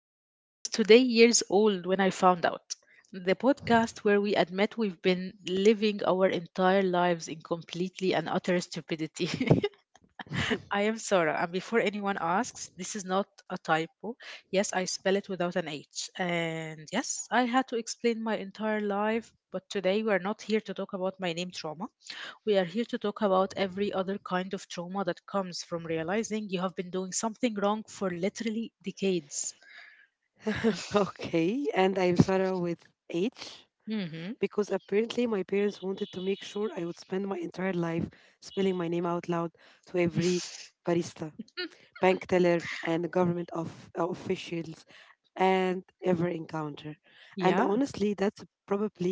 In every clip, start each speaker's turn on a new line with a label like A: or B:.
A: to I Was Today Years Old When I Found Out, the podcast where we admit we've been living our entire lives in completely and utter stupidity. I am Sarah, and before anyone asks, this is not a typo. Yes, I spell it without an H. And yes, I had to explain my entire life, but today we are not here to talk about my name trauma. We are here to talk about every other kind of trauma that comes from realizing you have been doing something wrong for literally decades.
B: Okay, and I'm Sarah with H,
A: Hmm
B: because apparently my parents wanted to make sure I would spend my entire life spelling my name out loud to every barista, bank teller, and government officials and ever encounter. And
A: Yeah.
B: honestly, that's probably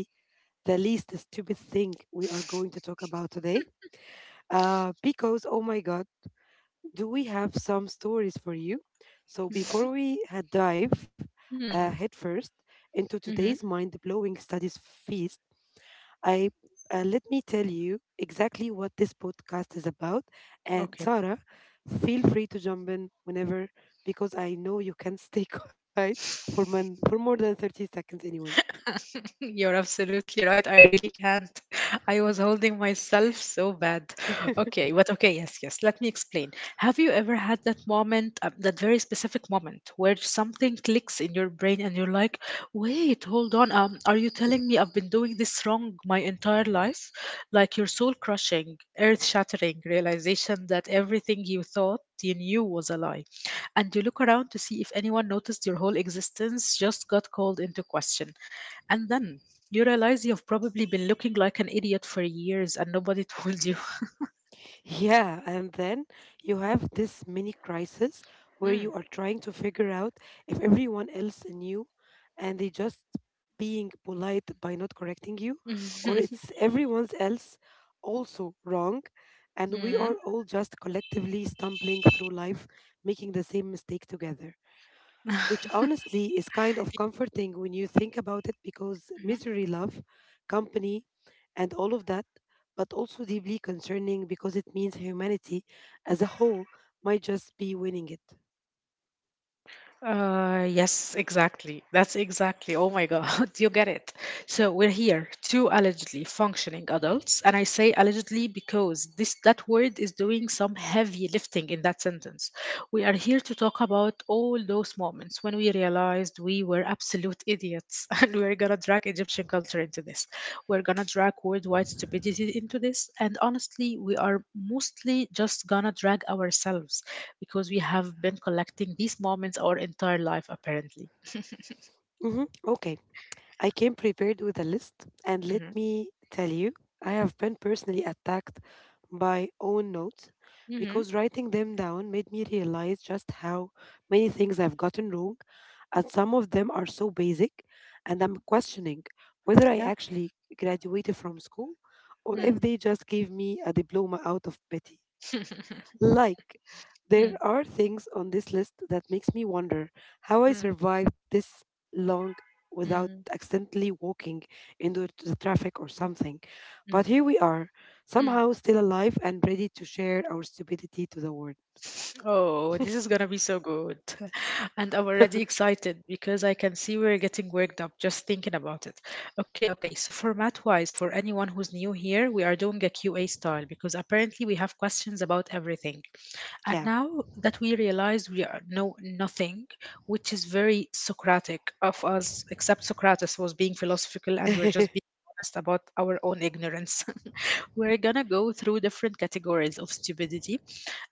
B: the least stupid thing we are going to talk about today, because, oh my God, do we have some stories for you? So before we dive headfirst into today's
A: Mm-hmm.
B: mind-blowing studies feast, I let me tell you exactly what this podcast is about. And Sarah, feel free to jump in whenever, because I know you can stay quiet for more than 30 seconds anyway.
A: You're absolutely right. I really can't. I was holding myself so bad. Okay, but okay, yes, yes. Let me explain. Have you ever had that moment, that very specific moment, where something clicks in your brain and you're like, wait, hold on. Are you telling me I've been doing this wrong my entire life? Like your soul crushing, earth shattering realization that everything you thought you knew was a lie. And you look around to see if anyone noticed your whole existence just got called into question, and then you realize you've probably been looking like an idiot for years and nobody told you.
B: Yeah, and then you have this mini crisis where you are trying to figure out if everyone else knew and they just being polite by not correcting you, or
A: Mm.
B: it's everyone's else also wrong, and we
A: Mm.
B: are all just collectively stumbling through life making the same mistake together, which honestly is kind of comforting when you think about it, because misery, love, company, and all of that, but also deeply concerning because it means humanity as a whole might just be winning it.
A: Yes, exactly. That's exactly. Oh my God, you get it. So we're here, two allegedly functioning adults, and I say allegedly because this that word is doing some heavy lifting in that sentence. We are here to talk about all those moments when we realized we were absolute idiots, and we're gonna drag Egyptian culture into this. We're gonna drag worldwide stupidity into this, and honestly, we are mostly just gonna drag ourselves because we have been collecting these moments our entire life, apparently.
B: Mm-hmm. Okay. I came prepared with a list, and let
A: Mm-hmm.
B: me tell you, I have been personally attacked by own notes
A: Mm-hmm.
B: because writing them down made me realize just how many things I've gotten wrong, and some of them are so basic, and I'm questioning whether I
A: Yeah.
B: actually graduated from school or
A: Mm.
B: if they just gave me a diploma out of pity. Like, there
A: Mm,
B: are things on this list that makes me wonder how I
A: mm,
B: survived this long without
A: mm,
B: accidentally walking into the traffic or something.
A: mm,
B: But here we are,
A: mm.
B: somehow still alive and ready to share our stupidity to the world.
A: Oh, this is gonna be so good. And I'm already excited because I can see we're getting worked up just thinking about it. Okay, okay. So format-wise, for anyone who's new here, we are doing a QA style because apparently we have questions about everything. And
B: Yeah.
A: now that we realize we are know nothing, which is very Socratic of us, except Socrates was being philosophical and we're just being honest about our own ignorance. We're gonna go through different categories of stupidity,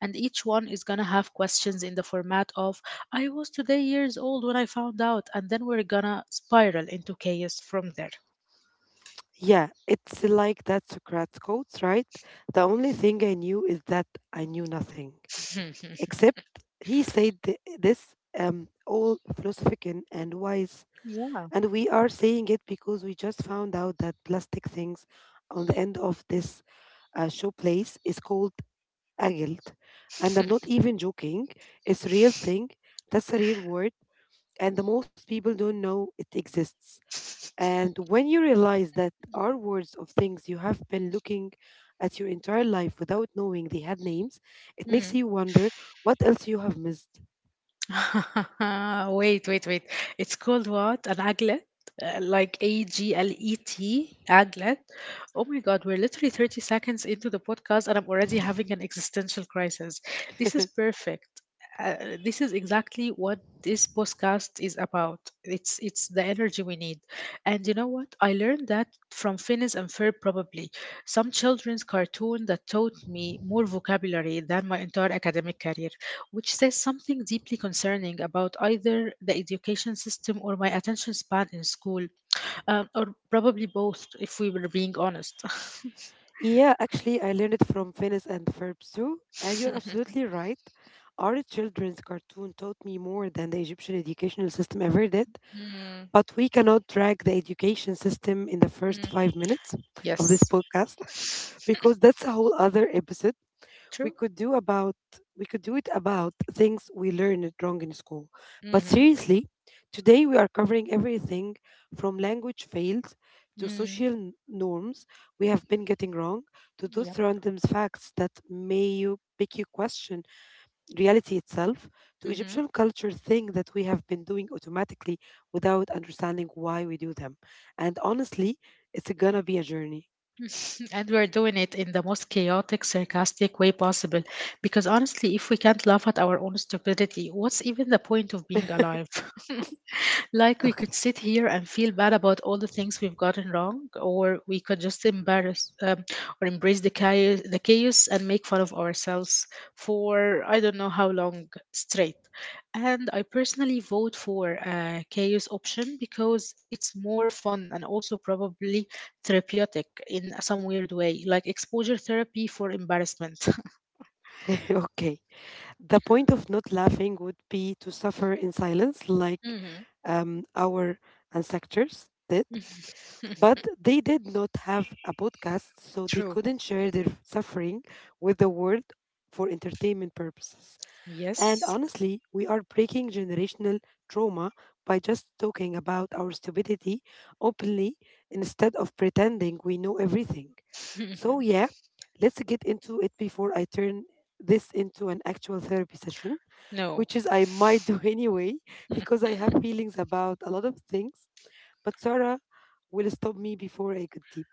A: and each one is gonna have questions in the format of I was today years old when I found out, and then we're gonna spiral into chaos from there.
B: Yeah, it's like that Socrates quotes, right? The only thing I knew is that I knew nothing. Except he said this all philosophic and wise. And we are saying it because we just found out that plastic things on the end of this, showplace is called agelt. And I'm not even joking. It's a real thing. That's a real word. And the most people don't know it exists. And when you realize that are words of things you have been looking at your entire life without knowing they had names, it
A: yeah.
B: makes you wonder what else you have missed.
A: Wait, wait, wait. It's called what? An aglet? Like aglet, aglet. Oh my God, we're literally 30 seconds into the podcast and I'm already having an existential crisis. This is perfect. Uh, this is exactly what this podcast is about. It's the energy we need. And you know what? I learned that from Phineas and Ferb probably. Some children's cartoon that taught me more vocabulary than my entire academic career, which says something deeply concerning about either the education system or my attention span in school, or probably both, if we were being honest.
B: Yeah, actually, I learned it from Venice and Ferbs too. And you're absolutely right. Our children's cartoon taught me more than the Egyptian educational system ever did.
A: Mm,
B: But we cannot drag the education system in the first
A: mm,
B: 5 minutes of this
A: yes.
B: podcast, because that's a whole other episode we
A: True.
B: could do about, we could do it about things we learned wrong in school. But
A: Mhm,
B: seriously, today we are covering everything from language fails to
A: mm,
B: social norms we have been getting wrong, to
A: yep,
B: those random facts that may you make you question reality itself, to
A: mhm.
B: Egyptian culture thing that we have been doing automatically without understanding why we do them. And honestly, it's gonna be a journey.
A: And we're doing it in the most chaotic, sarcastic way possible. Because honestly, if we can't laugh at our own stupidity, what's even the point of being alive? Like we
B: Okay.
A: could sit here and feel bad about all the things we've gotten wrong, or we could just embarrass or embrace the chaos, the chaos, and make fun of ourselves for I don't know how long straight. And I personally vote for a chaos option because it's more fun and also probably therapeutic in some weird way, like exposure therapy for embarrassment.
B: okay. The point of not laughing would be to suffer in silence, like,
A: hmm
B: our ancestors did. But they did not have a podcast, so they
A: True.
B: couldn't share their suffering with the world for entertainment purposes. And
A: Yes.
B: honestly, we are breaking generational trauma by just talking about our stupidity openly instead of pretending we know everything. So, yeah, let's get into it before I turn this into an actual therapy session,
A: no.
B: which is I might do anyway because I have feelings about a lot of things. But Sarah will stop me before I could deep.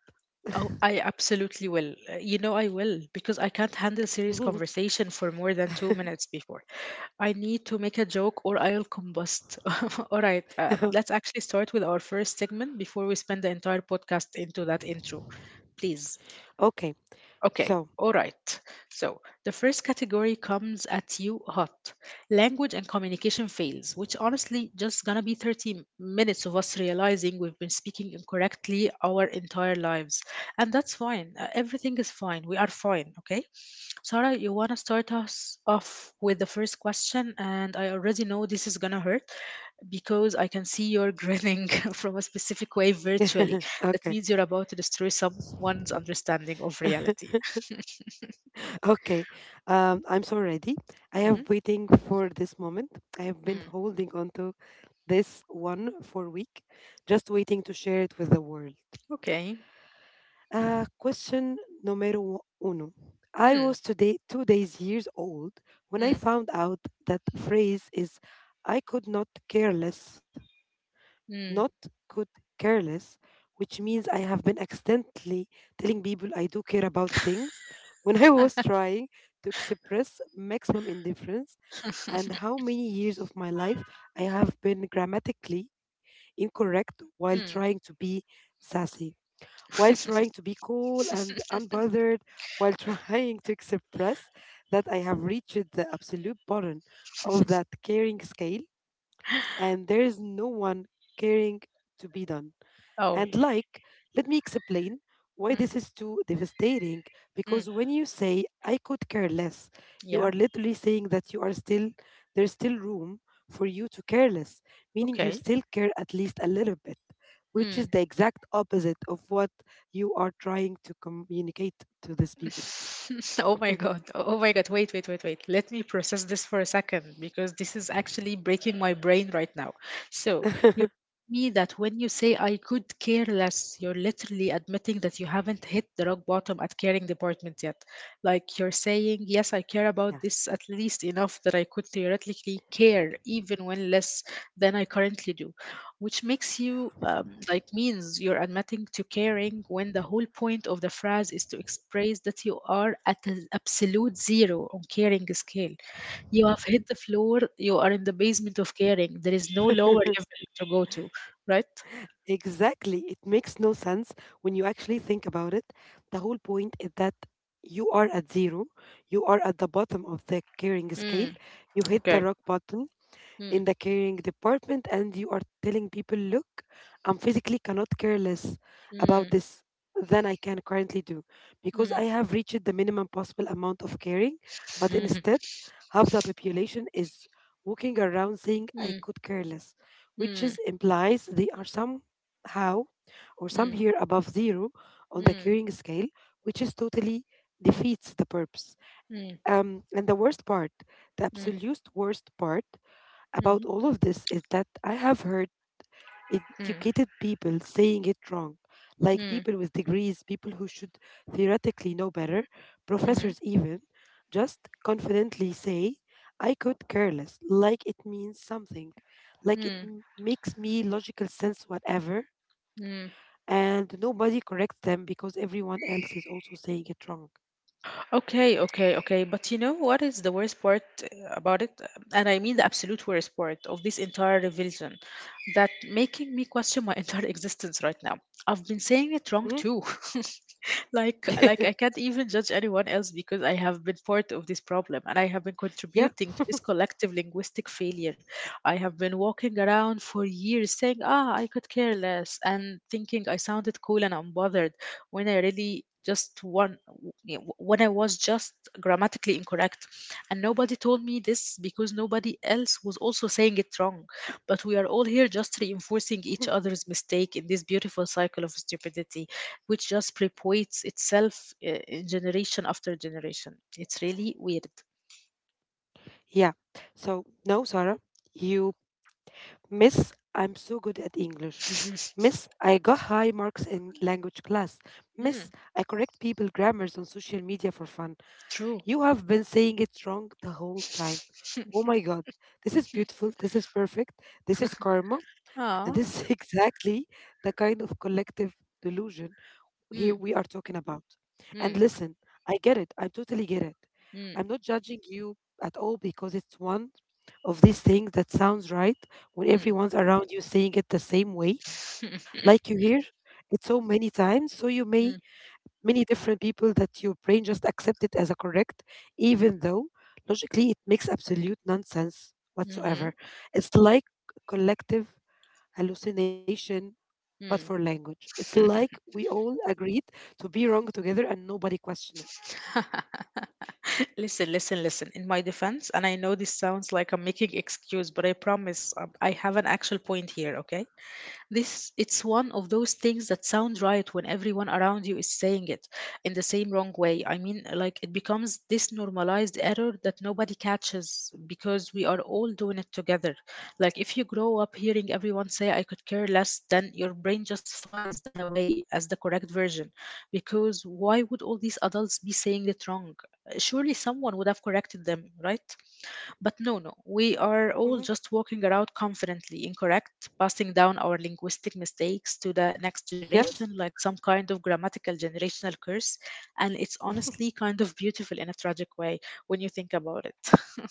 A: Oh, I absolutely will. You know, I will because I can't handle serious conversation for more than 2 minutes before. I need to make a joke or I'll combust. All right, let's actually start with our first segment before we spend the entire podcast into that intro. Please.
B: okay,
A: Okay,
B: so
A: all right. So the first category comes at you hot. Language and communication fails, which honestly just gonna be 30 minutes of us realizing we've been speaking incorrectly our entire lives. And that's fine. Everything is fine. We are fine, okay? Sarah, you wanna start us off with the first question, and I already know this is gonna hurt, because I can see you're grinning from a specific way virtually. That
B: okay.
A: means you're about to destroy someone's understanding of reality.
B: Okay, I'm so ready. I
A: hmm
B: have waiting for this moment. I have been
A: Mm.
B: holding on to this one for week, just waiting to share it with the world.
A: Okay.
B: Question numero uno. I
A: Mm.
B: was today 2 days years old when I
A: Mm.
B: found out that phrase is I could not care less, not
A: Mm.
B: could care less, which means I have been accidentally telling people I do care about things when I was trying to express maximum indifference, and how many years of my life I have been grammatically incorrect while trying
A: mm.
B: to be sassy, while trying to be cool and unbothered, while trying to express that I have reached the absolute bottom of that caring scale and there is no one caring to be done. And
A: oh.
B: like, let me explain why
A: Mm.
B: this is too devastating.
A: Mm.
B: Because when you say, I could care less, you
A: Yeah.
B: are literally saying that you are still, there's still room for you to care less, meaning you
A: Okay.
B: still care at least a little bit, which is
A: Hmm.
B: the exact opposite of what you are trying to communicate to these people.
A: Oh my god. Oh my god. Wait, wait, wait, wait. Let me process this for a second because this is actually breaking my brain right now. So, you me that when you say I could care less, you're literally admitting that you haven't hit the rock bottom at caring department yet. Like you're saying, yes, I care about
B: Yeah.
A: this at least enough that I could theoretically care even when less than I currently do, which makes you
B: Yeah.
A: like means you're admitting to caring when the whole point of the phrase is to express that you are at an absolute zero on caring scale. You have hit the floor, you are in the basement of caring. There is no lower level to go to, right?
B: Exactly. It makes no sense when you actually think about it. The whole point is that you are at zero, you are at the bottom of the caring scale,
A: Mm,
B: you hit the
A: okay.
B: rock bottom,
A: Mm,
B: in the caring department, and you are telling people, look, I'm physically cannot care less about
A: mm,
B: this than I can currently do, because I
A: mm.
B: have reached the minimum possible amount of caring, but instead, half the population is walking around saying I
A: Mm,
B: could care less, which
A: mm,
B: is implies they are somehow or some
A: mm,
B: here above zero on the
A: mm,
B: caring scale, which is totally defeats the purpose.
A: mm,
B: And the worst part, the
A: mm,
B: absolute worst part
A: mhm,
B: about all of this is that I have heard educated
A: mm,
B: people saying it wrong, like people with
A: mm,
B: degrees, people who should theoretically know better, professors
A: mhm,
B: even, just confidently say, I could care less, like it means something, like
A: mm,
B: makes me logical sense, whatever.
A: mm.
B: And nobody corrects them because everyone else is also saying it wrong.
A: Okay, okay, okay. But you know what is the worst part about it? And I mean the absolute worst part of this entire revision that making me question my entire existence right now. I've been saying
B: Mhm.
A: it wrong too. Like like I can't even judge anyone else because I have been part of this problem and I have been
B: Yeah.
A: contributing to this collective linguistic failure. I have been walking around for years saying, "Ah, I could care less," and thinking I sounded cool and unbothered when I really just when I was just grammatically incorrect, and nobody told me this because nobody else was also saying it wrong. But we are all here just reinforcing each other's mistake in this beautiful cycle of stupidity, which just perpetuates itself in generation after generation. It's really weird.
B: Yeah. So, no, Sarah, you miss I'm so good at English. Miss I got high marks in language class. Miss
A: Hmm,
B: I correct people grammars on social media for fun.
A: true.
B: You have been saying it wrong the whole time. Oh my God, this is beautiful. This is perfect. This is karma. And
A: Ah.
B: this is exactly the kind of collective delusion here we
A: Mm,
B: are talking about. And
A: mm,
B: listen, I get it. I totally get it.
A: mm,
B: I'm not judging you at all, because it's one of these things that sounds right when
A: mm.
B: everyone's around you saying it the same way, like you hear it so many times. So you may
A: Mm,
B: many different people that your brain just accept it as a correct, even though logically it makes absolute nonsense
A: mhm,
B: whatsoever. It's like collective hallucination, but for language. It's like we all agreed to be wrong together and nobody questioned it.
A: mm. Listen, listen, listen. In my defense, and I know this sounds like I'm making excuse, but I promise I have an actual point here, okay? This it's one of those things that sound right when everyone around you is saying it in the same wrong way. I mean, like it becomes this normalized error that nobody catches because we are all doing it together. Like if you grow up hearing everyone say I could care less, then your brain just files that away as the correct version because why would all these adults be saying it wrong? Surely someone would have corrected them, right? But no, no, we are all
B: Mhm.
A: just walking around confidently incorrect, passing down our linguistic mistakes to the next
B: Yes.
A: generation like some kind of grammatical generational curse. And it's honestly kind of beautiful in a tragic way when you think about it.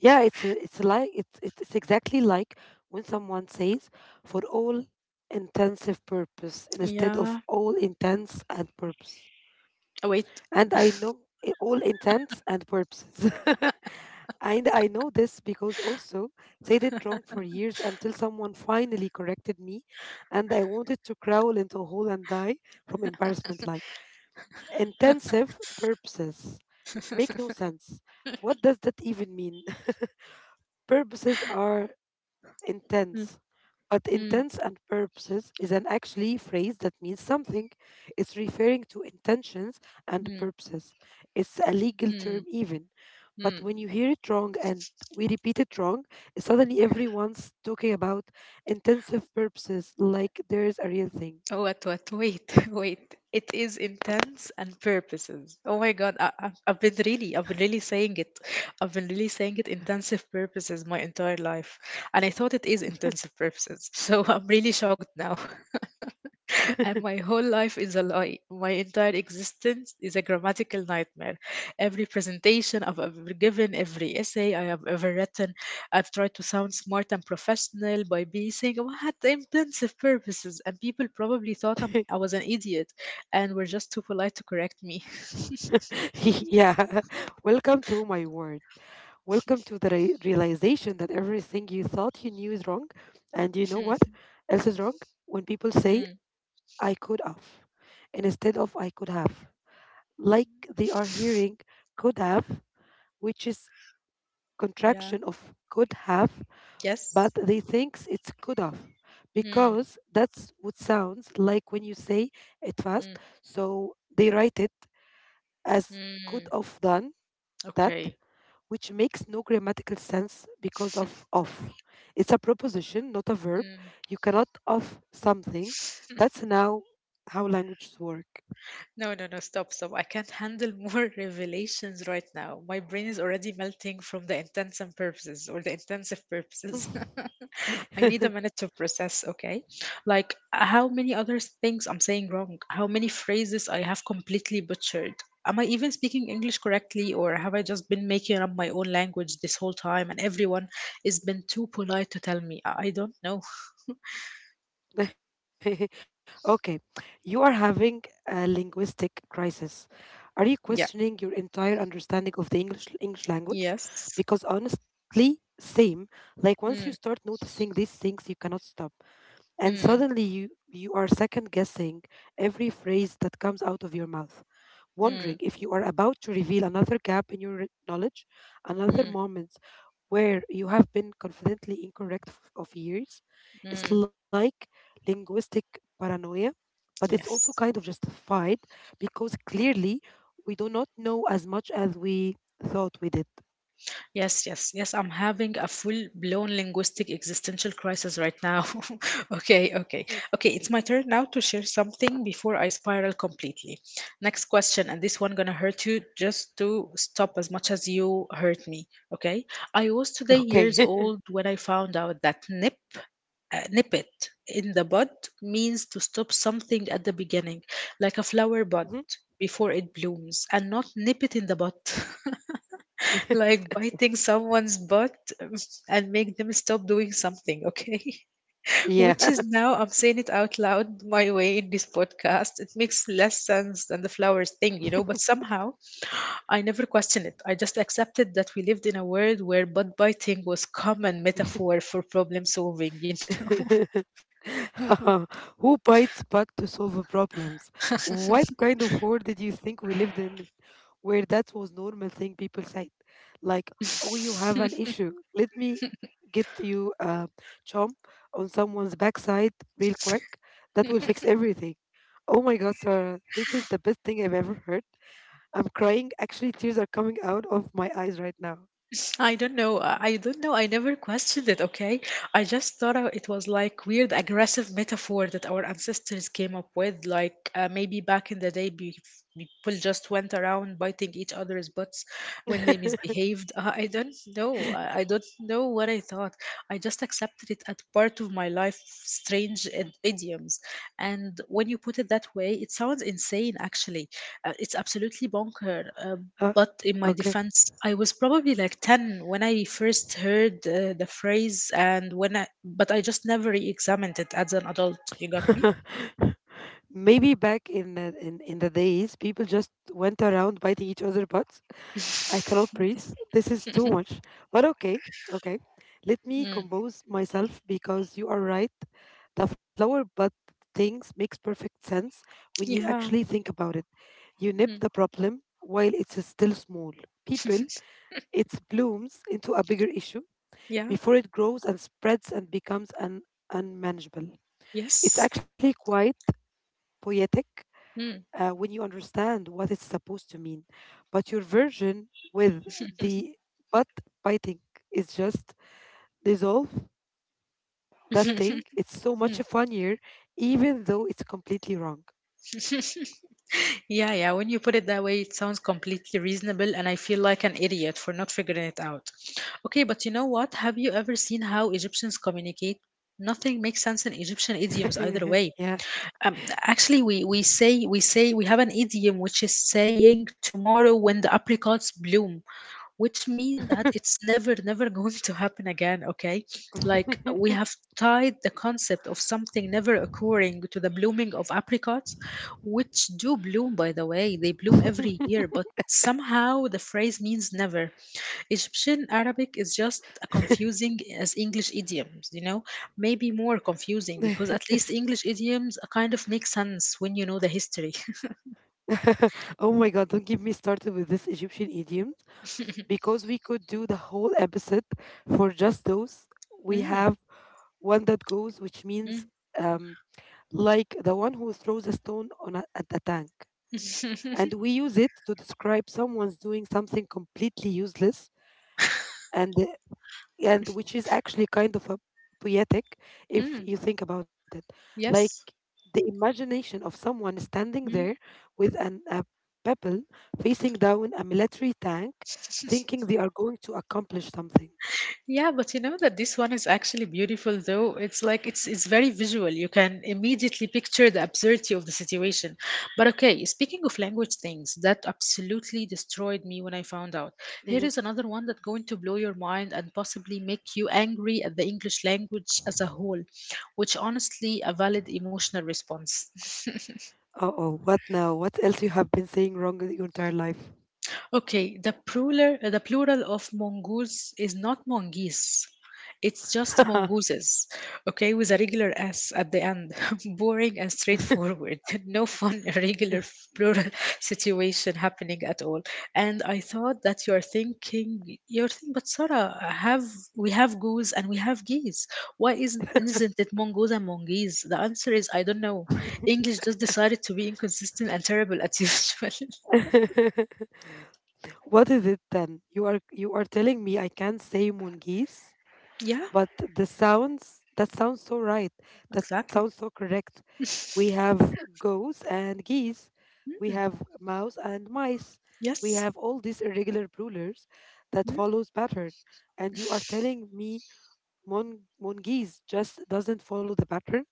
B: Yeah, it's like it's exactly like when someone says for all intensive purpose instead of
A: Yeah.
B: all intents and purpose.
A: Oh, wait.
B: And I know all intents and purposes. And I know this because also said it wrong for years until someone finally corrected me and I wanted to crawl into a hole and die from embarrassment, like intensive purposes make no sense. What does that even mean? Purposes are
A: Hmm.
B: intense. But
A: Hmm.
B: intense and purposes is an actually phrase that means something. It's referring to intentions and
A: Hmm.
B: purposes. It's a legal
A: Hmm.
B: term even. But
A: Hmm.
B: when you hear it wrong and we repeat it wrong, suddenly everyone's talking about intensive purposes like there is a real thing.
A: Oh, what, wait, wait. It is intense and purposes. Oh my God, I've been really, I've been really saying it. I've been really saying it intensive purposes my entire life. And I thought it is intensive purposes. So I'm really shocked now and my whole life is a lie. My entire existence is a grammatical nightmare. Every presentation I've ever given, every essay I have ever written, I've tried to sound smart and professional by being saying "Oh, I had intensive purposes, and people probably thought I was an idiot and were just too polite to correct me.
B: Yeah. Welcome to my world. Welcome to the realization that everything you thought you knew is wrong. And you know what else is wrong? When people
A: Mm,
B: say I could have and instead of I could have. Like they are hearing could have, which is
A: yeah.
B: contraction of could have,
A: Yes.
B: but they thinks it's could have
A: Mm,
B: because that's what sounds like when you say it
A: mm,
B: fast. So they write it as could
A: mm.
B: have done that,
A: Okay.
B: which makes no grammatical sense because of of. It's a preposition, not a verb.
A: Mm.
B: You cannot of something. That's now how languages work.
A: No, no, no, stop, stop. I can't handle more revelations right now. My brain is already melting from the intents and purposes or the intensive purposes. I need a minute to process, okay? Like how many other things I'm saying wrong, how many phrases I have completely butchered. Am I even speaking English correctly, or have I just been making up my own language this whole time and everyone has been too polite to tell me? I don't know.
B: Okay, you are having a linguistic crisis. Are you
A: Yeah.
B: questioning your entire understanding of the English language?
A: Yes.
B: Because honestly, same. Like once you
A: Mm,
B: start noticing these things, you cannot stop, and
A: mm,
B: suddenly you are second guessing every phrase that comes out of your mouth,
A: mm,
B: wondering if you are about to reveal another gap in your knowledge, another
A: mm,
B: moment where you have been confidently incorrect of years. It's
A: mm.
B: like linguistic paranoia, but it's also kind of
A: Yes.
B: justified because clearly we do not know as much as we thought we did.
A: Yes, yes, yes. I'm having a full-blown linguistic existential crisis right now. Okay, okay,
B: Mhm.
A: okay. It's my turn now to share something before I spiral completely. Next question, and this one gonna hurt you just to stop as much as you hurt me. Okay, I was today
B: Okay.
A: years old when I found out that nip it in the bud means to stop something at the beginning, like a flower
B: Mhm.
A: bud before it blooms, and not nip it in the bud. Like biting someone's butt um, and make them stop doing something, okay?
B: Yeah.
A: Which is now I'm saying it out loud my way in this podcast. It makes less sense than the flowers thing, but somehow I never questioned it. I just accepted that we lived in a world where butt biting was common metaphor for problem solving, know.
B: Who bites back to solve problems? What kind of world did you think we lived in where that was normal thing people said? Like, oh, you have an issue. Let me get you a chomp on someone's backside real quick. That will fix everything. Oh my God, Sarah, this is the best thing I've ever heard. I'm crying. Actually, tears are coming out of my eyes right now.
A: I don't know. I never questioned it, okay? I just thought it was like weird aggressive metaphor that our ancestors came up with. Like, maybe back in the day, people just went around biting each other's butts when they misbehaved. I don't know. I don't know what I thought. I just accepted it as part of my life, strange idioms. And when you put it that way, it sounds insane, actually. It's absolutely bonker.
B: Uh,
A: But in my
B: okay.
A: defense, I was probably like 10 when I first heard the phrase and when I but I just never re-examined it as an adult, you got me?
B: Maybe back in the days people just went around biting each other butts. I cannot breathe. This is too much. But okay, okay, let me
A: Mm.
B: compose myself because you are right. The flower bud things makes perfect sense when you actually
A: Yeah.
B: think about it. You nip
A: Mm.
B: the problem while it's still small people it blooms into a bigger issue
A: Yeah.
B: before it grows and spreads and becomes unmanageable. It's
A: Yes.
B: actually quite poetic
A: Mm.
B: when you understand what it's supposed to mean. But your version with the butt biting is just dissolve that thing. It's so much
A: Mm.
B: funnier, even though it's completely wrong.
A: Yeah, yeah. When you put it that way, it sounds completely reasonable, and I feel like an idiot for not figuring it out. Okay, but you know what? Have you ever seen how Egyptians communicate? Nothing makes sense in Egyptian idioms either way.
B: Yeah.
A: Um, actually, we say we have an idiom which is saying tomorrow when the apricots bloom, which mean that it's never going to happen again. Okay, like we have tied the concept of something never occurring to the blooming of apricots, which do bloom by the way. They bloom every year, but somehow the phrase means never. Egyptian Arabic is just a confusing as English idioms, maybe more confusing because at least English idioms kind of make sense when you know the history.
B: Oh my God, don't get me started with this Egyptian idiom because we could do the whole episode for just those. We
A: Mm,
B: have one that goes, which
A: mm.
B: means um, like the one who throws a stone at a tank. And we use it to describe someone's doing something completely useless and uh, and which is actually kind of a poetic if
A: Mm,
B: you think about it. Like
A: yes.
B: the imagination of someone standing there
A: Mm.
B: with an a pebble facing down a military tank, thinking they are going to accomplish something.
A: Yeah, but you know that this one is actually beautiful though. It's like it's very visual. You can immediately picture the absurdity of the situation. But okay, speaking of language things, that absolutely destroyed me when I found out. Here is
B: Mm-hmm.
A: another one that's going to blow your mind and possibly make you angry at the English language as a whole, which honestly a valid emotional response.
B: Uh oh, what now? What else you have been saying wrong your entire life?
A: Okay, the plural of mongoose is not mongeese. It's just mongooses, okay, with a regular S at the end. Boring and straightforward. No fun, irregular plural situation happening at all. And I thought that you're thinking, but Sarah, have we have goose and we have geese? Why isn't it mongoose and mongeese? The answer is I don't know. English just decided to be inconsistent and terrible as usual.
B: What is it then? You are telling me I can't say mongoose,
A: Yeah,
B: but the sounds that sounds so right. That sounds
A: exactly.
B: so correct. We have goats and geese. We
A: Mm,
B: have mouse and mice. We
A: yes.
B: have all these irregular rulers that
A: Mm.
B: follows pattern. And you are telling me mongoose just doesn't follow the pattern.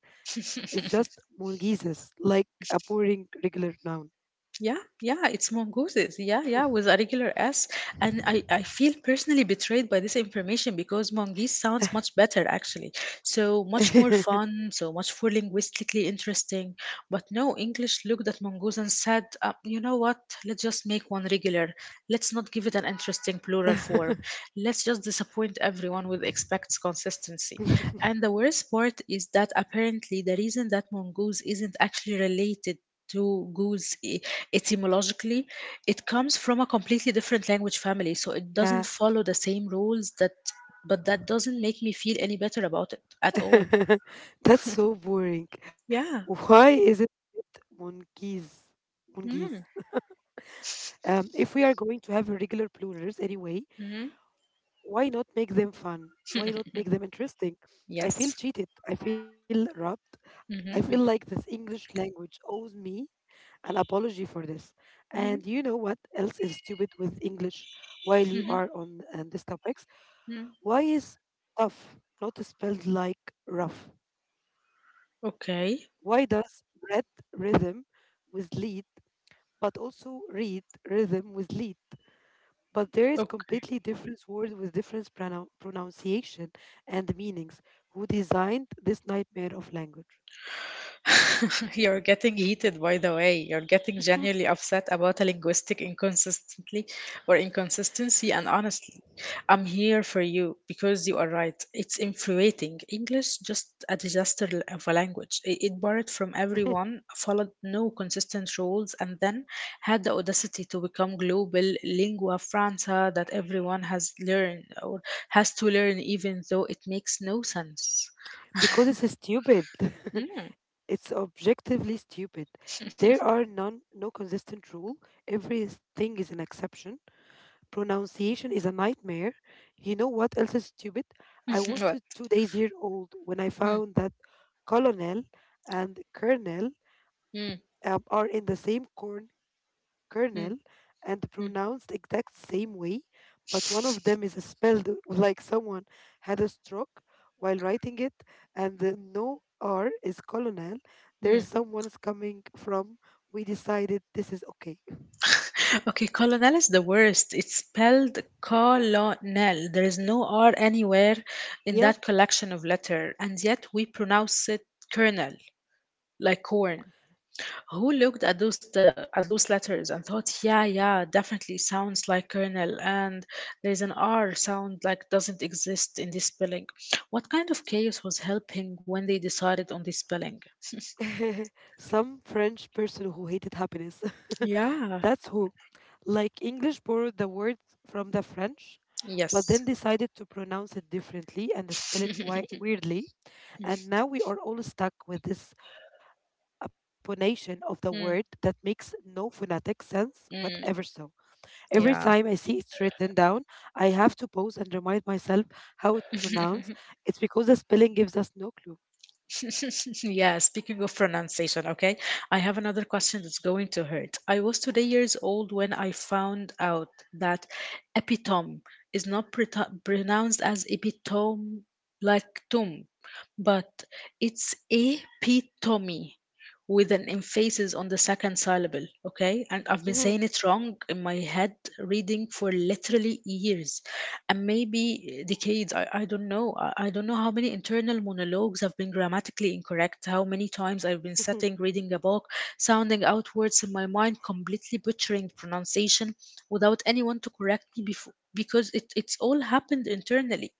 B: It's just mongooses, like a boring regular noun.
A: Yeah, yeah, it's mongooses. Yeah, yeah, with a regular S. And I feel personally betrayed by this information because mongoose sounds much better, actually. So much more fun, so much more linguistically interesting. But no, English looked at mongoose and said, you know what? Let's just make one regular. Let's not give it an interesting plural form. Let's just disappoint everyone with expects consistency. And the worst part is that apparently the reason that mongoose isn't actually related to goose etymologically, it comes from a completely different language family, so it doesn't
B: Yeah.
A: follow the same rules that but that doesn't make me feel any better about it at all.
B: That's so boring.
A: Yeah.
B: Why is it monkeys? Monkeys.
A: Mm.
B: If we are going to have regular plurals anyway,
A: Hmm.
B: why not make them fun? Why not make them interesting? I feel
A: Yes.
B: cheated. I feel robbed. I feel like this
A: Hmm.
B: English language owes me an apology for this. And you know what
A: Hmm.
B: else is stupid with English while you are on these topics?
A: Hmm.
B: Why is tough not spelled like rough?
A: Okay.
B: Why does breath rhythm with lead, but also read rhythm with lead? But there is completely different words with different pronunciation and meanings. Who designed this nightmare of language?
A: You're getting heated, by the way. You're getting genuinely upset about a linguistic inconsistency, and honestly, I'm here for you because you are right. It's infuriating. English just a disaster of a language. It borrowed from everyone, followed no consistent rules, and then had the audacity to become global lingua franca that everyone has learned or has to learn, even though it makes no sense.
B: Because it's stupid.
A: Mm.
B: It's objectively stupid. There are none, no consistent rule. Everything is an exception. Pronunciation is a nightmare. You know what else is stupid? I was
A: What?
B: 2 days year old when I
A: Mm,
B: found that colonel and colonel
A: mm,
B: are in the same corn
A: mm,
B: kernel and
A: mm.
B: pronounced exact same way, but one of them is spelled like someone had a stroke while writing it, and the no R is colonel. There is
A: Hmm.
B: someone's coming from. We decided this is okay.
A: Okay, colonel is the worst. It's spelled colonel. There is no R anywhere in
B: Yeah.
A: that collection of letter, and yet we pronounce it colonel, like corn. Who looked at those letters and thought, yeah, yeah, definitely sounds like colonel, and there's an R sound like doesn't exist in this spelling. What kind of chaos was helping when they decided on this spelling?
B: Some French person who hated happiness.
A: Yeah.
B: That's who. Like English borrowed the word from the French, but
A: Yes.
B: then decided to pronounce it differently and spell it weirdly. And now we are all stuck with this apponation of the word that
A: Mm,
B: makes no phonetic sense whatever. So
A: mm,
B: every time I
A: yeah.
B: see it's written down, I have to pause and remind myself how it pronounced. It's because the spelling gives us no
A: Yeah, speaking of pronunciation, okay, I have another question that's going to hurt. I was today years old when I found out that epitome is not pronounced as epitome like tomb, but it's epitome with an emphasis on the second syllable, okay? And I've been
B: clue.
A: saying it wrong in my head reading for literally years and maybe decades. I don't know. I don't know how many internal monologues have been grammatically incorrect, how many times I've been sitting reading a book, sounding out words in my mind, completely butchering pronunciation without anyone to correct me before, because it's all happened internally.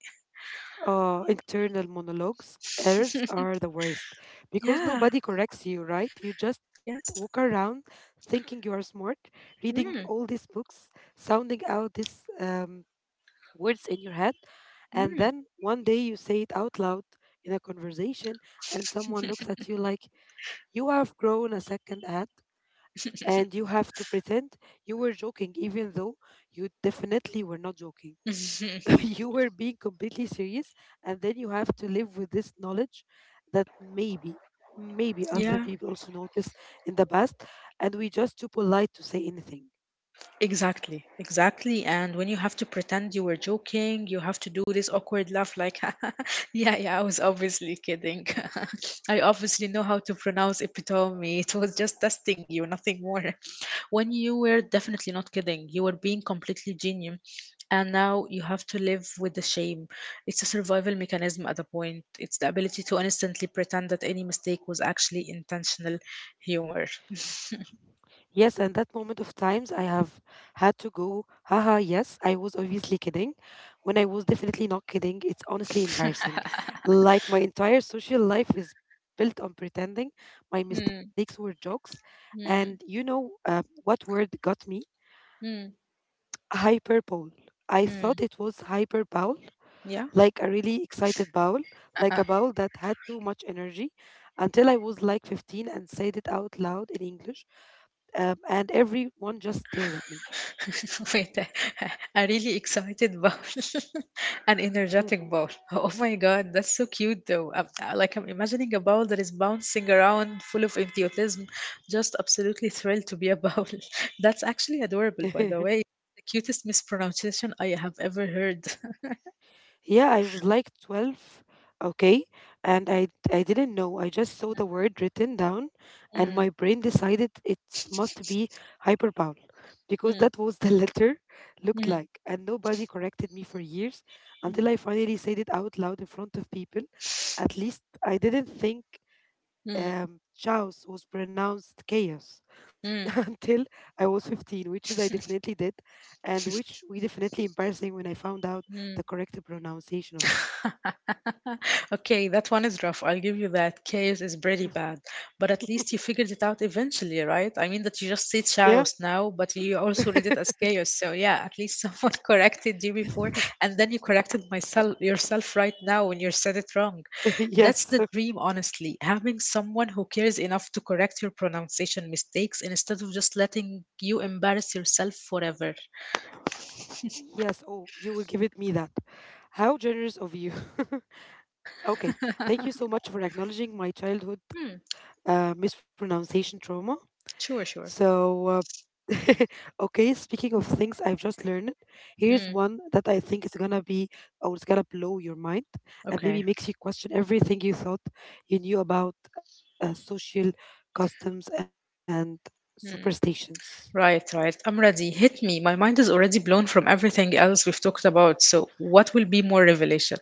B: Internal monologues, errors are the worst because
A: Yeah,
B: nobody corrects you, right? You just walk
A: yes.
B: around thinking you are smart, reading all
A: Mm,
B: these books, sounding out these words in your head, and then one day you say it out loud in a conversation, and someone looks at you like you have grown a second head. And you have to pretend you were joking, even though you definitely were not joking.
A: mm.
B: You were being completely serious, and then you have to live with this knowledge that maybe other
A: Yeah.
B: people also noticed in the past and we just too polite to say anything.
A: Exactly, exactly. And when you have to pretend you were joking, you have to do this awkward laugh like, yeah, yeah, I was obviously kidding. I obviously know how to pronounce epitome. It was just testing you, nothing more. When you were definitely not kidding, you were being completely genuine. And now you have to live with the shame. It's a survival mechanism at the point. It's the ability to instantly pretend that any mistake was actually intentional humor.
B: Yes, and that moment of times I have had to go, haha, yes, I was obviously kidding when I was definitely not kidding, it's honestly embarrassing. Like, my entire social life is built on pretending my
A: Hmm,
B: mistakes were jokes. And
A: hmm,
B: you know what word got me?
A: hmm,
B: Hyperbole. I thought
A: hmm.
B: it was hyperbole,
A: Yeah.
B: like a really excited bowl, like a bowl that had too much energy, until I was like 15 and said it out loud in English, and everyone just stared at me.
A: Wait, a really excited bowl, an energetic bowl. Oh my god, that's so cute though. Like I'm imagining a bowl that is bouncing around, full of enthusiasm, just absolutely thrilled to be a bowl. That's actually adorable, by the way. The cutest mispronunciation I have ever heard.
B: Yeah, I was like 12, okay? And I didn't know. I just saw the word written down and my
A: Mm,
B: brain decided it must be hyperbound because
A: mm,
B: that was the letter
A: mm,
B: looked
A: mm,
B: like. And nobody corrected me for years until I finally said it out loud in front of people. At least I didn't think
A: mm,
B: chaos was pronounced chaos
A: mm,
B: until I was 15, which is I definitely did and which we definitely embarrassing when I found out
A: mm.
B: the correct pronunciation of it.
A: Okay, that one is rough. I'll give you that. Chaos is pretty bad. But at least you figured it out eventually, right? I mean, that you just say
B: Yeah.
A: chaos now, but you also read it as chaos. So, yeah, at least someone corrected you before, and then you corrected myself yourself right now when you said it wrong. That's
B: Yes.
A: the dream, honestly. Having someone who cares enough to correct your pronunciation mistakes instead of just letting you embarrass yourself forever.
B: Yes. Oh, you will give it me that. How generous of you. Okay. Thank you so much for acknowledging my
A: Hmm,
B: childhood mispronunciation trauma.
A: sure, sure.
B: So, uh, okay, speaking of things I've just learned,
A: Mm,
B: here's one that I think is gonna be, or it's gonna blow your mind
A: okay.
B: and maybe makes you question everything you thought you knew about social customs and
A: Hmm.
B: superstitions.
A: Right, right. I'm ready. Hit me. My mind is already blown from everything else we've talked about. So, what will be more revelation?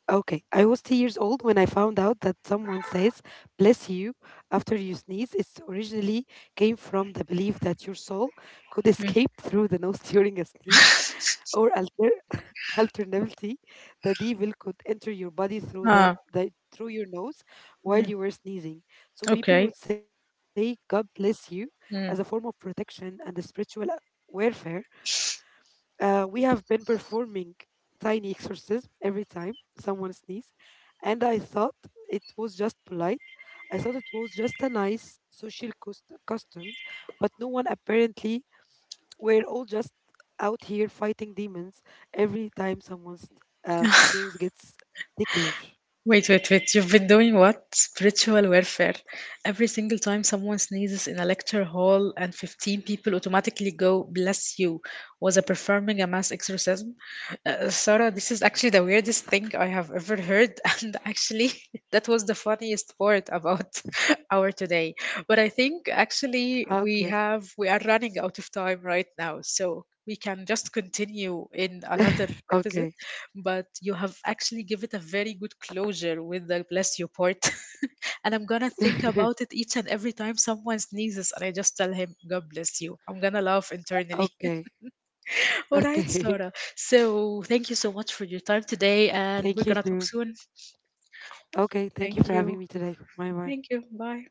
B: Okay, I was 2 years old when I found out that someone says "bless you" after you sneeze. It originally came from the belief that your soul could
A: Mm.
B: escape through the nose during a sneeze, or alternatively, the devil could enter your body through
A: Ah,
B: through your nose
A: mm,
B: while you were sneezing. So
A: okay.
B: people would say "God bless you" as a form of
A: Mm.
B: protection and a spiritual warfare. We have been performing tiny exorcism every time someone sneezed, and I thought it was just polite. I thought it was just a nice social customs, but no one apparently. We're all just out here fighting demons every time someone's nose gets ticklish.
A: Wait, wait, wait. You've been doing what? Spiritual warfare. Every single time someone sneezes in a lecture hall and 15 people automatically go, Bless you. Was I performing a mass exorcism? Sarah, this is actually the weirdest thing I have ever heard, and actually, that was the funniest part about our today. But I think actually
B: Okay.
A: we are running out of time right now, so we can just continue in another episode.
B: Okay.
A: But you have actually give it a very good closure with the bless you part, and I'm gonna think about it each and every time someone sneezes, and I just tell him God bless you. I'm gonna laugh internally.
B: Okay.
A: All right,
B: Okay.
A: Sarah. So thank you so much for your time today, and we're
B: Thank you
A: gonna talk
B: too.
A: soon.
B: Okay. Thank you
A: Thank
B: for
A: you.
B: having me today. Bye bye.
A: Thank you. Bye.